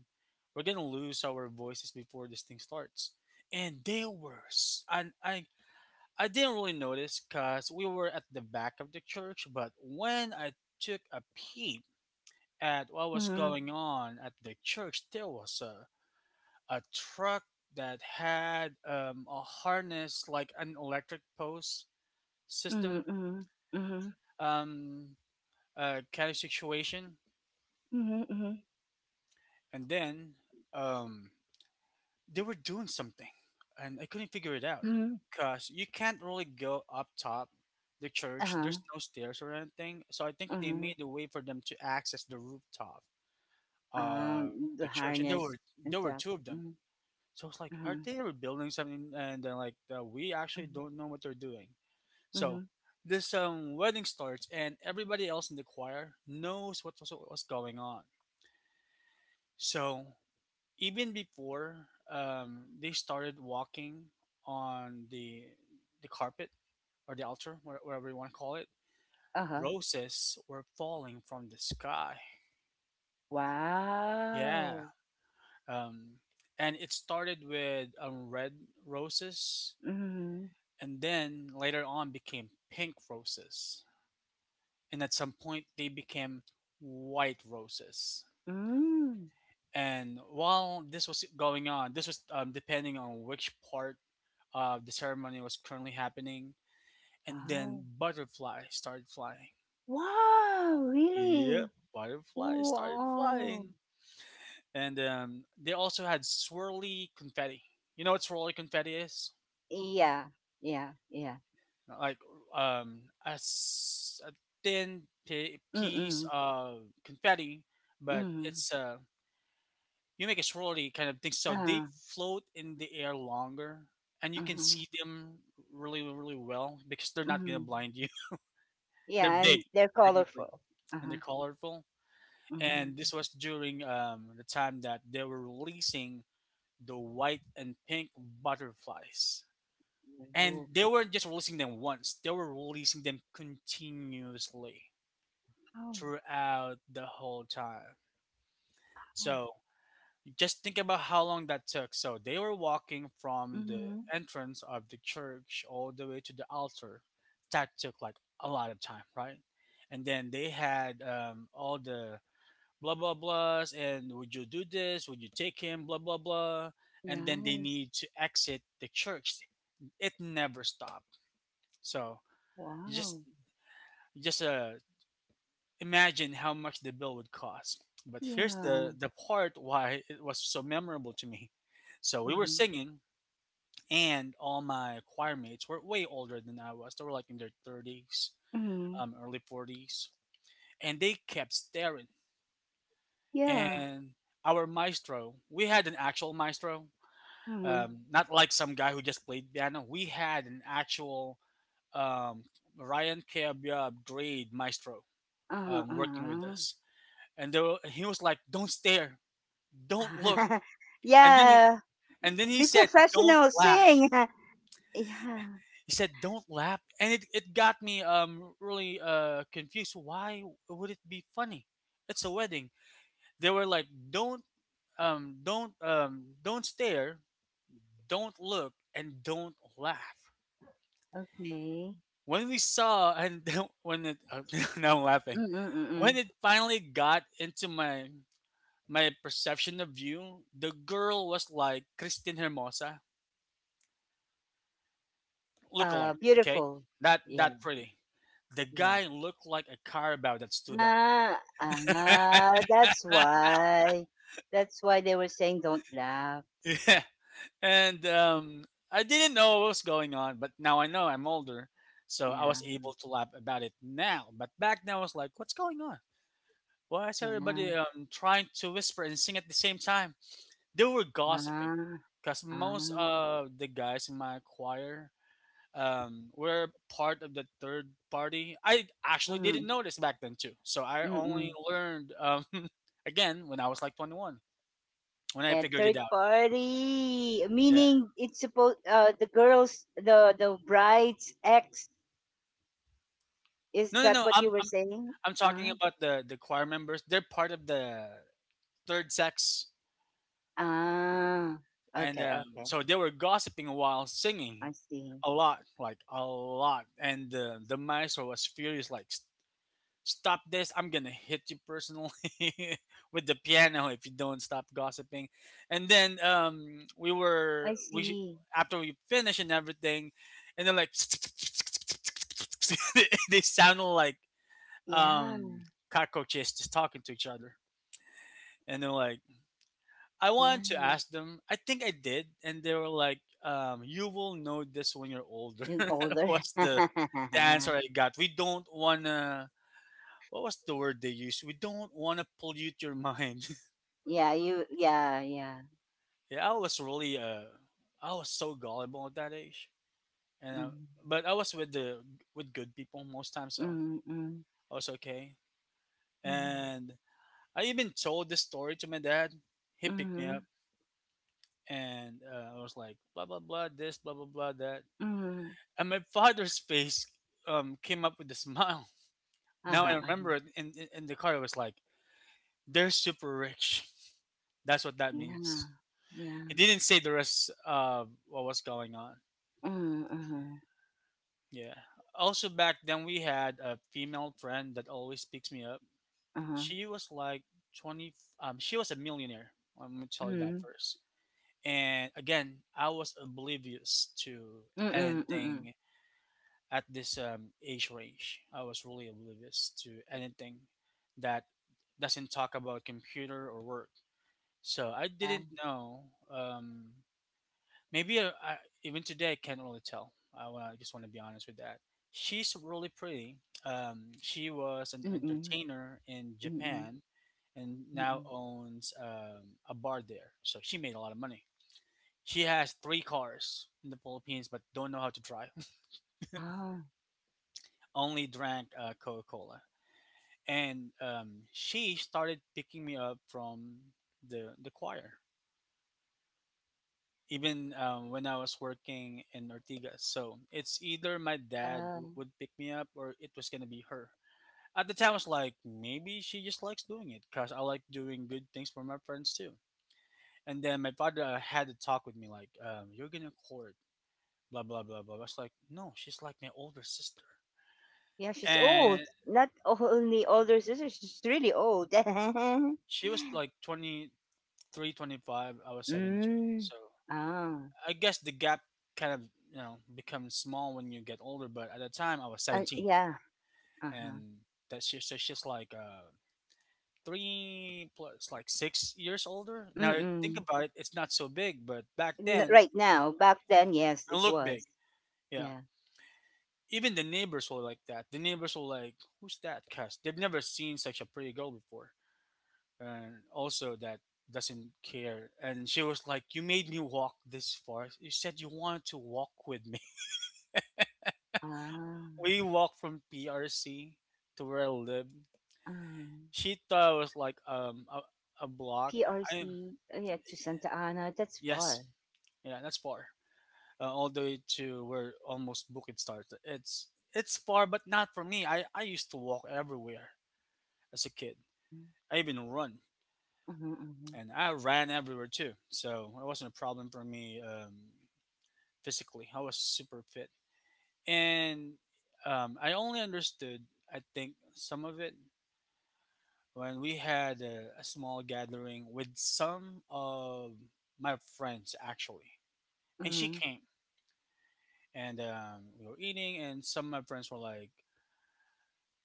Speaker 2: We're gonna lose our voices before this thing starts. And they were s- and i I didn't really notice because we were at the back of the church, but when I took a peek at what was
Speaker 1: Mhm,
Speaker 2: going on at the church, there was a truck that had a harness like an electric post
Speaker 1: mhm,
Speaker 2: system
Speaker 1: mhm, mhm,
Speaker 2: um kind of situation.
Speaker 1: mhm, mhm,
Speaker 2: And then um, they were doing something, and I couldn't figure it out
Speaker 1: mhm.
Speaker 2: because you can't really go up top the church. There's
Speaker 1: Uh-huh,
Speaker 2: no stairs or anything, so I think they
Speaker 1: uh-huh.
Speaker 2: made a way for them to access the rooftop, uh, the
Speaker 1: The
Speaker 2: church, and there were
Speaker 1: harness and
Speaker 2: there were
Speaker 1: stuff.
Speaker 2: two of them.
Speaker 1: Mhm,
Speaker 2: So I was like, are
Speaker 1: uh-huh,
Speaker 2: they rebuilding something? And they're like, we
Speaker 1: uh
Speaker 2: actually
Speaker 1: huh.
Speaker 2: don't know what they're doing.
Speaker 1: Mhm,
Speaker 2: So
Speaker 1: uh-huh.
Speaker 2: this wedding starts, and everybody else in the choir knows what was going on. So even before they started walking on the carpet or the altar, whatever you want to call it,
Speaker 1: Uh huh.
Speaker 2: roses were falling from the sky. Yeah,
Speaker 1: Wow.
Speaker 2: um, and it started with red roses,
Speaker 1: Mhm,
Speaker 2: and then later on became pink roses, and at some point they became white roses.
Speaker 1: mm,
Speaker 2: And while this was going on, this was depending on which part of the ceremony was currently happening. And then
Speaker 1: wow.
Speaker 2: butterfly started flying.
Speaker 1: Wow,
Speaker 2: Yep,
Speaker 1: really?
Speaker 2: butterfly started
Speaker 1: Wow.
Speaker 2: flying. And they also had swirly confetti. You know what swirly confetti is?
Speaker 1: Yeah, yeah, yeah.
Speaker 2: Like a thin pi piece
Speaker 1: Mm-mm,
Speaker 2: of confetti, but
Speaker 1: mm.
Speaker 2: it's you make a swirly kind of thing. So they
Speaker 1: Uh-huh,
Speaker 2: float in the air longer, and you can
Speaker 1: uh-huh,
Speaker 2: see them really, really well because they're not gonna
Speaker 1: mm.
Speaker 2: blind you. They're
Speaker 1: Yeah,
Speaker 2: big,
Speaker 1: and they're
Speaker 2: technically,
Speaker 1: colorful.
Speaker 2: and they're
Speaker 1: Uh-huh,
Speaker 2: colorful. And
Speaker 1: mhm.
Speaker 2: this was during the time that they were releasing the white and pink butterflies, and they weren't just releasing them once, they were releasing them continuously
Speaker 1: Wow.
Speaker 2: throughout the whole time. So just think about how long that took. So they were walking from the
Speaker 1: Mhm.
Speaker 2: entrance of the church all the way to the altar. That took like a lot of time, right? And then they had all the blah blah blahs and would you do this, would you take him, blah blah blah, and then they
Speaker 1: Nice.
Speaker 2: need to exit the church. It never stopped. So just
Speaker 1: Wow.
Speaker 2: just imagine how much the bill would cost. But here's the
Speaker 1: Yeah.
Speaker 2: part why it was so memorable to me. So we were
Speaker 1: Mhm.
Speaker 2: singing, and all my choir mates were way older than I was. They were like in their 30s,
Speaker 1: Mhm.
Speaker 2: early 40s, and they kept staring.
Speaker 1: Yeah.
Speaker 2: And our maestro, we had an actual maestro,
Speaker 1: Mhm.
Speaker 2: not like some guy who just played piano. We had an actual um, Ryan Cabia grade maestro working with
Speaker 1: Uh-huh.
Speaker 2: us, and there were, he was like, "Don't stare, don't look,"
Speaker 1: Uh-huh.
Speaker 2: and then he
Speaker 1: Yeah.
Speaker 2: and then he
Speaker 1: Be
Speaker 2: said, "Don't
Speaker 1: professional.
Speaker 2: laugh."
Speaker 1: Sing. Yeah.
Speaker 2: He said, "Don't laugh," and it got me really confused. Why would it be funny? It's a wedding. They were like, "Don't don't stare, don't look, and don't laugh."
Speaker 1: Okay.
Speaker 2: When we saw, and when it, now I'm laughing, when
Speaker 1: Mm-mm-mm.
Speaker 2: it finally got into my perception of you, the girl was like Christine Hermosa, look alike, okay,
Speaker 1: Beautiful.
Speaker 2: that
Speaker 1: Yeah.
Speaker 2: that pretty. The
Speaker 1: Yes.
Speaker 2: guy looked like a carabao that stood up.
Speaker 1: Ah, ah, that's why. That's why they were saying don't laugh.
Speaker 2: Yeah, and I didn't know what was going on, but now I know I'm older, so I was
Speaker 1: Yeah.
Speaker 2: able to laugh about it now. But back then, I was like, "What's going on? Why is
Speaker 1: Yeah.
Speaker 2: everybody trying to whisper and sing at the same time?" They were
Speaker 1: Ah,
Speaker 2: gossiping because
Speaker 1: ah.
Speaker 2: most of the guys in my choir were part of the third party. I actually didn't
Speaker 1: Mm,
Speaker 2: know this back then, too. So I
Speaker 1: mm,
Speaker 2: only
Speaker 1: mm.
Speaker 2: learned again when I was like 21 when I
Speaker 1: Yeah,
Speaker 2: figured it
Speaker 1: third
Speaker 2: out.
Speaker 1: party.
Speaker 2: Yeah.
Speaker 1: Meaning it's supposed the girls the bride's ex. Is
Speaker 2: No, no,
Speaker 1: that
Speaker 2: no.
Speaker 1: what you were saying?
Speaker 2: I'm talking
Speaker 1: Ah.
Speaker 2: about the choir members. They're part of the third sex.
Speaker 1: Ah.
Speaker 2: And
Speaker 1: Okay, okay.
Speaker 2: so they were gossiping while singing
Speaker 1: I see.
Speaker 2: a lot, like a lot. And the maestro was furious, like, stop this, I'm gonna hit you personally with the piano if you don't stop gossiping. And then we were
Speaker 1: I
Speaker 2: we sh-
Speaker 1: see.
Speaker 2: after we finished and everything, and they're like they sound like
Speaker 1: Yeah,
Speaker 2: um cockroaches just talking to each other. And they're like, I wanted
Speaker 1: yeah.
Speaker 2: to ask them, I think I did, and they were like, you will know this when you're older.
Speaker 1: Yung older.
Speaker 2: Was the answer I got. We don't wanna, what was the word they used? We don't want to pollute your mind.
Speaker 1: yeah, you yeah, yeah.
Speaker 2: Yeah, I was really I was so gullible at that age, and
Speaker 1: Mm.
Speaker 2: but I was with the with good people most times, so
Speaker 1: Mm. Mm.
Speaker 2: I was okay.
Speaker 1: Mm.
Speaker 2: And I even told this story to my dad. He picked me
Speaker 1: Mm.
Speaker 2: up, and I was like, blah blah blah, this, blah blah blah that,
Speaker 1: Mm.
Speaker 2: and my father's face came up with a smile. Now
Speaker 1: Uh-huh,
Speaker 2: I remember
Speaker 1: uh-huh.
Speaker 2: it in the car. It was like, they're super rich. That's what that
Speaker 1: Yeah.
Speaker 2: means.
Speaker 1: Yeah.
Speaker 2: It didn't say the rest of what was going on.
Speaker 1: Mm. Uh-huh.
Speaker 2: Yeah. Also, back then we had a female friend that always picks me up.
Speaker 1: Uh-huh.
Speaker 2: She was like 20, she was a millionaire. Let me tell you that
Speaker 1: Mm.
Speaker 2: first. And again, I was oblivious to
Speaker 1: Mm. Mm. Mm. Mm.
Speaker 2: anything at this age range. I was really oblivious to anything that doesn't talk about computer or work. So I
Speaker 1: Yeah.
Speaker 2: didn't know. Um, Maybe even today I can't really tell. Wanna, I just want to be honest with that. She's really pretty. She was an
Speaker 1: Mm,
Speaker 2: entertainer in
Speaker 1: mm,
Speaker 2: Japan and now
Speaker 1: mm.
Speaker 2: owns a bar there. So she made a lot of money. She has three cars in the Philippines, but don't know how to drive.
Speaker 1: Ah,
Speaker 2: Only drank Coca Cola, and she started picking me up from the choir. Even when I was working in Ortigas. So it's either my dad
Speaker 1: uh,
Speaker 2: w- would pick me up or it was gonna be her. At the time, I was like, maybe she just likes doing it because I like doing good things for my friends too. And then my father had to talk with me like, you're gonna court, blah blah blah blah. I was like, no, she's like my older sister,
Speaker 1: yeah, she's old.
Speaker 2: and
Speaker 1: Not only older sister, she's really old.
Speaker 2: she was like 23, 25. I was 17,
Speaker 1: Mm.
Speaker 2: so
Speaker 1: Ah,
Speaker 2: I guess the gap kind of becomes small when you get older. But at the time, I was 17
Speaker 1: yeah. Uh-huh.
Speaker 2: and that's just like three plus like 6 years older. Now you think
Speaker 1: Mm-mm.
Speaker 2: about it, it's not so big, but back then
Speaker 1: Right now, back then, yes,
Speaker 2: it
Speaker 1: it
Speaker 2: looked big.
Speaker 1: was.
Speaker 2: Yeah.
Speaker 1: Yeah.
Speaker 2: Even the neighbors were like that. The neighbors were like, "Who's that?" Cause they've never seen such a pretty girl before, and also that doesn't care. And she was like, "You made me walk this far. You said you wanted to walk with me."
Speaker 1: Ah,
Speaker 2: We walked from PRC to where I lived.
Speaker 1: um,
Speaker 2: She thought it was like a block. I
Speaker 1: PRC. Uh, yeah, to Santa Ana. That's
Speaker 2: Yes,
Speaker 1: far.
Speaker 2: yeah, that's far. All the way to where almost Bukid starts. It's far, but not for me. I used to walk everywhere as a kid.
Speaker 1: Mm-hmm,
Speaker 2: I even run,
Speaker 1: mm-hmm, mm-hmm,
Speaker 2: and I ran everywhere too. So it wasn't a problem for me physically. I was super fit, and I only understood I think some of it when we had a small gathering with some of my friends actually, and she came and we were eating, and some of my friends were like,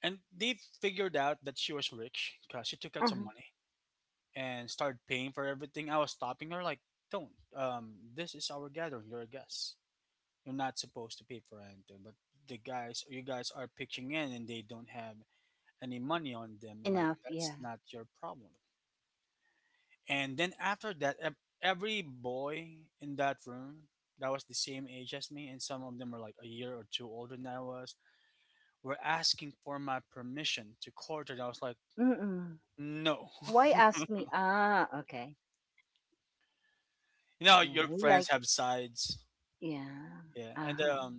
Speaker 2: and they figured out that she was rich because she took out some
Speaker 1: mm-hmm.
Speaker 2: money and started paying for everything. I was stopping her, like, don't. This is our gathering. You're a guest. You're not supposed to pay for anything. But the guys, you guys are pitching in and they don't have any money on them. Like,
Speaker 1: Enough.
Speaker 2: that's
Speaker 1: Yeah.
Speaker 2: not your problem. And then after that, every boy in that room that was the same age as me, and some of them were like a year or two older than I was, were asking for my permission to court her. And I was like,
Speaker 1: Mm-mm.
Speaker 2: no.
Speaker 1: Why
Speaker 2: you
Speaker 1: ask me? Ah, okay. Yeah,
Speaker 2: your
Speaker 1: you
Speaker 2: friends
Speaker 1: like.
Speaker 2: have sides.
Speaker 1: Yeah.
Speaker 2: Yeah. And
Speaker 1: Uh-huh.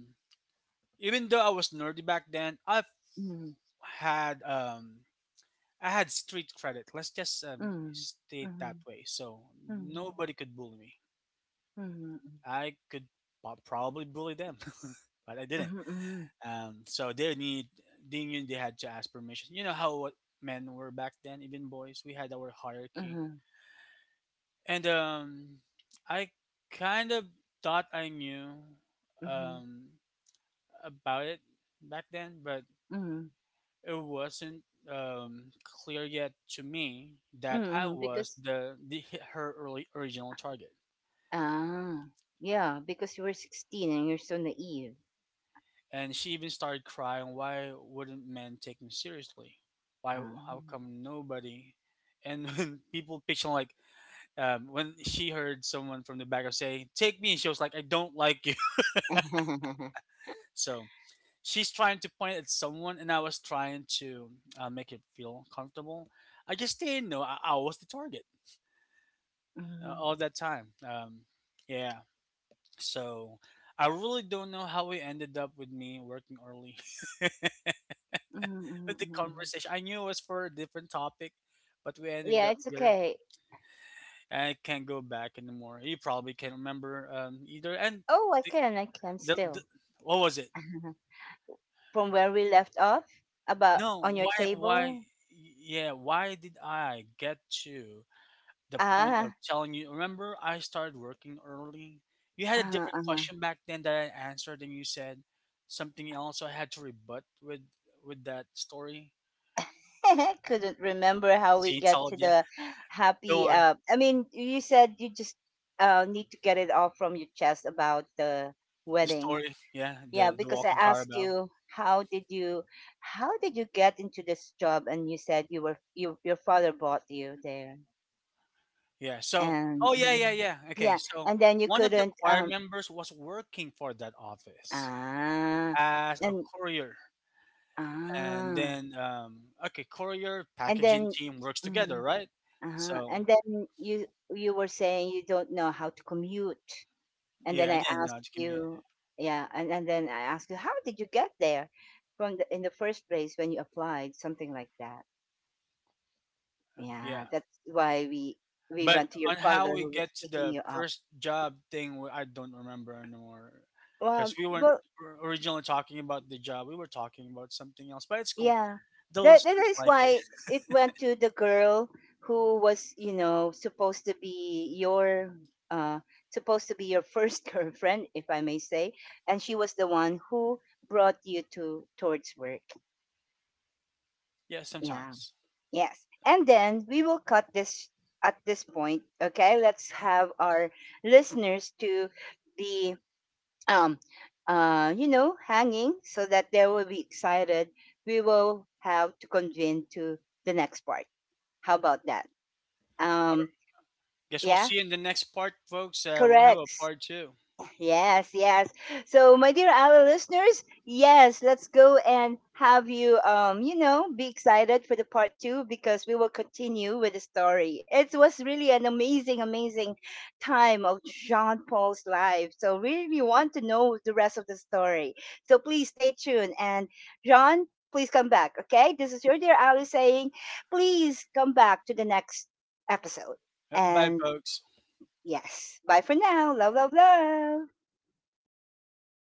Speaker 2: even though I was nerdy back then,
Speaker 1: Mm,
Speaker 2: had um I had street credit. Let's just
Speaker 1: mm,
Speaker 2: state that
Speaker 1: mhm,
Speaker 2: way. So
Speaker 1: mhm,
Speaker 2: nobody could bully me.
Speaker 1: mhm,
Speaker 2: I could probably bully them, but I didn't.
Speaker 1: mhm,
Speaker 2: So they knew they had to ask permission. You know how what men were back then, even boys. We had our hierarchy,
Speaker 1: mhm,
Speaker 2: and I kind of thought I knew
Speaker 1: mhm, mhm,
Speaker 2: um, about it back then, but
Speaker 1: mhm,
Speaker 2: it wasn't clear yet to me that I
Speaker 1: mhm.
Speaker 2: was
Speaker 1: Because,
Speaker 2: the her early original target.
Speaker 1: ah, yeah, because you were 16 and you're so naive.
Speaker 2: And she even started crying. Why wouldn't men take me seriously? Why? How
Speaker 1: Um,
Speaker 2: come nobody? And when people picture like when she heard someone from the back of say, "Take me," she was like, "I don't like you." So she's trying to point at someone, and I was trying to make it feel comfortable. I just didn't know I was the target
Speaker 1: mhm, mhm,
Speaker 2: all that time. Yeah. So I really don't know how we ended up with me working early
Speaker 1: mhm,
Speaker 2: with the
Speaker 1: mhm.
Speaker 2: conversation. I knew it was for a different topic, but we ended
Speaker 1: Yeah,
Speaker 2: up
Speaker 1: it's
Speaker 2: here.
Speaker 1: okay.
Speaker 2: And I can't go back anymore. You probably can't remember either. And
Speaker 1: Oh,
Speaker 2: the,
Speaker 1: I can
Speaker 2: the, the,
Speaker 1: still.
Speaker 2: what was it?
Speaker 1: From where we left off, about
Speaker 2: No,
Speaker 1: on your table.
Speaker 2: yeah, why did I get to the point of
Speaker 1: Ah,
Speaker 2: telling you, remember I started working early? You had a
Speaker 1: uh-huh,
Speaker 2: different
Speaker 1: uh-huh.
Speaker 2: question back then that I answered and you said something else. So I had to rebut with that story.
Speaker 1: couldn't remember how we
Speaker 2: See,
Speaker 1: get
Speaker 2: tell it,
Speaker 1: to
Speaker 2: yeah.
Speaker 1: the
Speaker 2: Don't
Speaker 1: happy
Speaker 2: worry.
Speaker 1: I mean you said you just need to get it off from your chest about the
Speaker 2: The
Speaker 1: wedding,
Speaker 2: story, yeah,
Speaker 1: yeah,
Speaker 2: the
Speaker 1: because I
Speaker 2: walking
Speaker 1: asked
Speaker 2: Carabao.
Speaker 1: you how did you how did you get into this job and you said you were you your father bought you there
Speaker 2: Yeah. So
Speaker 1: and
Speaker 2: oh yeah,
Speaker 1: mm,
Speaker 2: yeah, yeah. Okay.
Speaker 1: yeah
Speaker 2: So
Speaker 1: and then you
Speaker 2: one of the
Speaker 1: couldn't
Speaker 2: choir members was working for that office
Speaker 1: ah
Speaker 2: as a
Speaker 1: and
Speaker 2: courier. And
Speaker 1: ah
Speaker 2: then okay, courier
Speaker 1: and
Speaker 2: packaging
Speaker 1: then
Speaker 2: team works together,
Speaker 1: mm,
Speaker 2: right?
Speaker 1: uh-huh.
Speaker 2: So
Speaker 1: And then you were saying you don't know how to commute. And then
Speaker 2: yeah, I
Speaker 1: I
Speaker 2: didn't know.
Speaker 1: asked you, yeah, and then I asked you, how did you get there from the in the first place when you applied, something like that.
Speaker 2: Yeah.
Speaker 1: Yeah, that's why we
Speaker 2: But
Speaker 1: went to your
Speaker 2: on how
Speaker 1: father
Speaker 2: we
Speaker 1: who was
Speaker 2: get to
Speaker 1: picking
Speaker 2: the
Speaker 1: you up.
Speaker 2: first job thing, I don't remember anymore.
Speaker 1: Well,
Speaker 2: Because we weren't
Speaker 1: well.
Speaker 2: originally talking about the job, we were talking about something else. But it's cool.
Speaker 1: Yeah.
Speaker 2: The
Speaker 1: That that
Speaker 2: listeners
Speaker 1: is
Speaker 2: like it.
Speaker 1: why it went to the girl who was, you know, supposed to be your uh supposed to be your first girlfriend, if I may say, and she was the one who brought you to towards work.
Speaker 2: Yeah,
Speaker 1: Yeah.
Speaker 2: sometimes.
Speaker 1: Yes. And then we will cut this at this point, okay? Let's have our listeners to the um, you know, hanging so that they will be excited. We will have to convene to the next part. How about that? Um,
Speaker 2: Guess we'll
Speaker 1: yeah,
Speaker 2: see you in the next part, folks. We'll have a
Speaker 1: correct.
Speaker 2: part two.
Speaker 1: Yes, yes. So, my dear our listeners, yes, let's go and have you, you know, be excited for the part two because we will continue with the story. It was really an amazing, amazing time of Jean Paul's life. So, really want to know the rest of the story. So, please stay tuned. And, Jean, please come back, okay? This is your dear Ali saying, please come back to the next episode.
Speaker 2: Bye,
Speaker 1: And,
Speaker 2: folks.
Speaker 1: yes, bye for now. Love, love, love.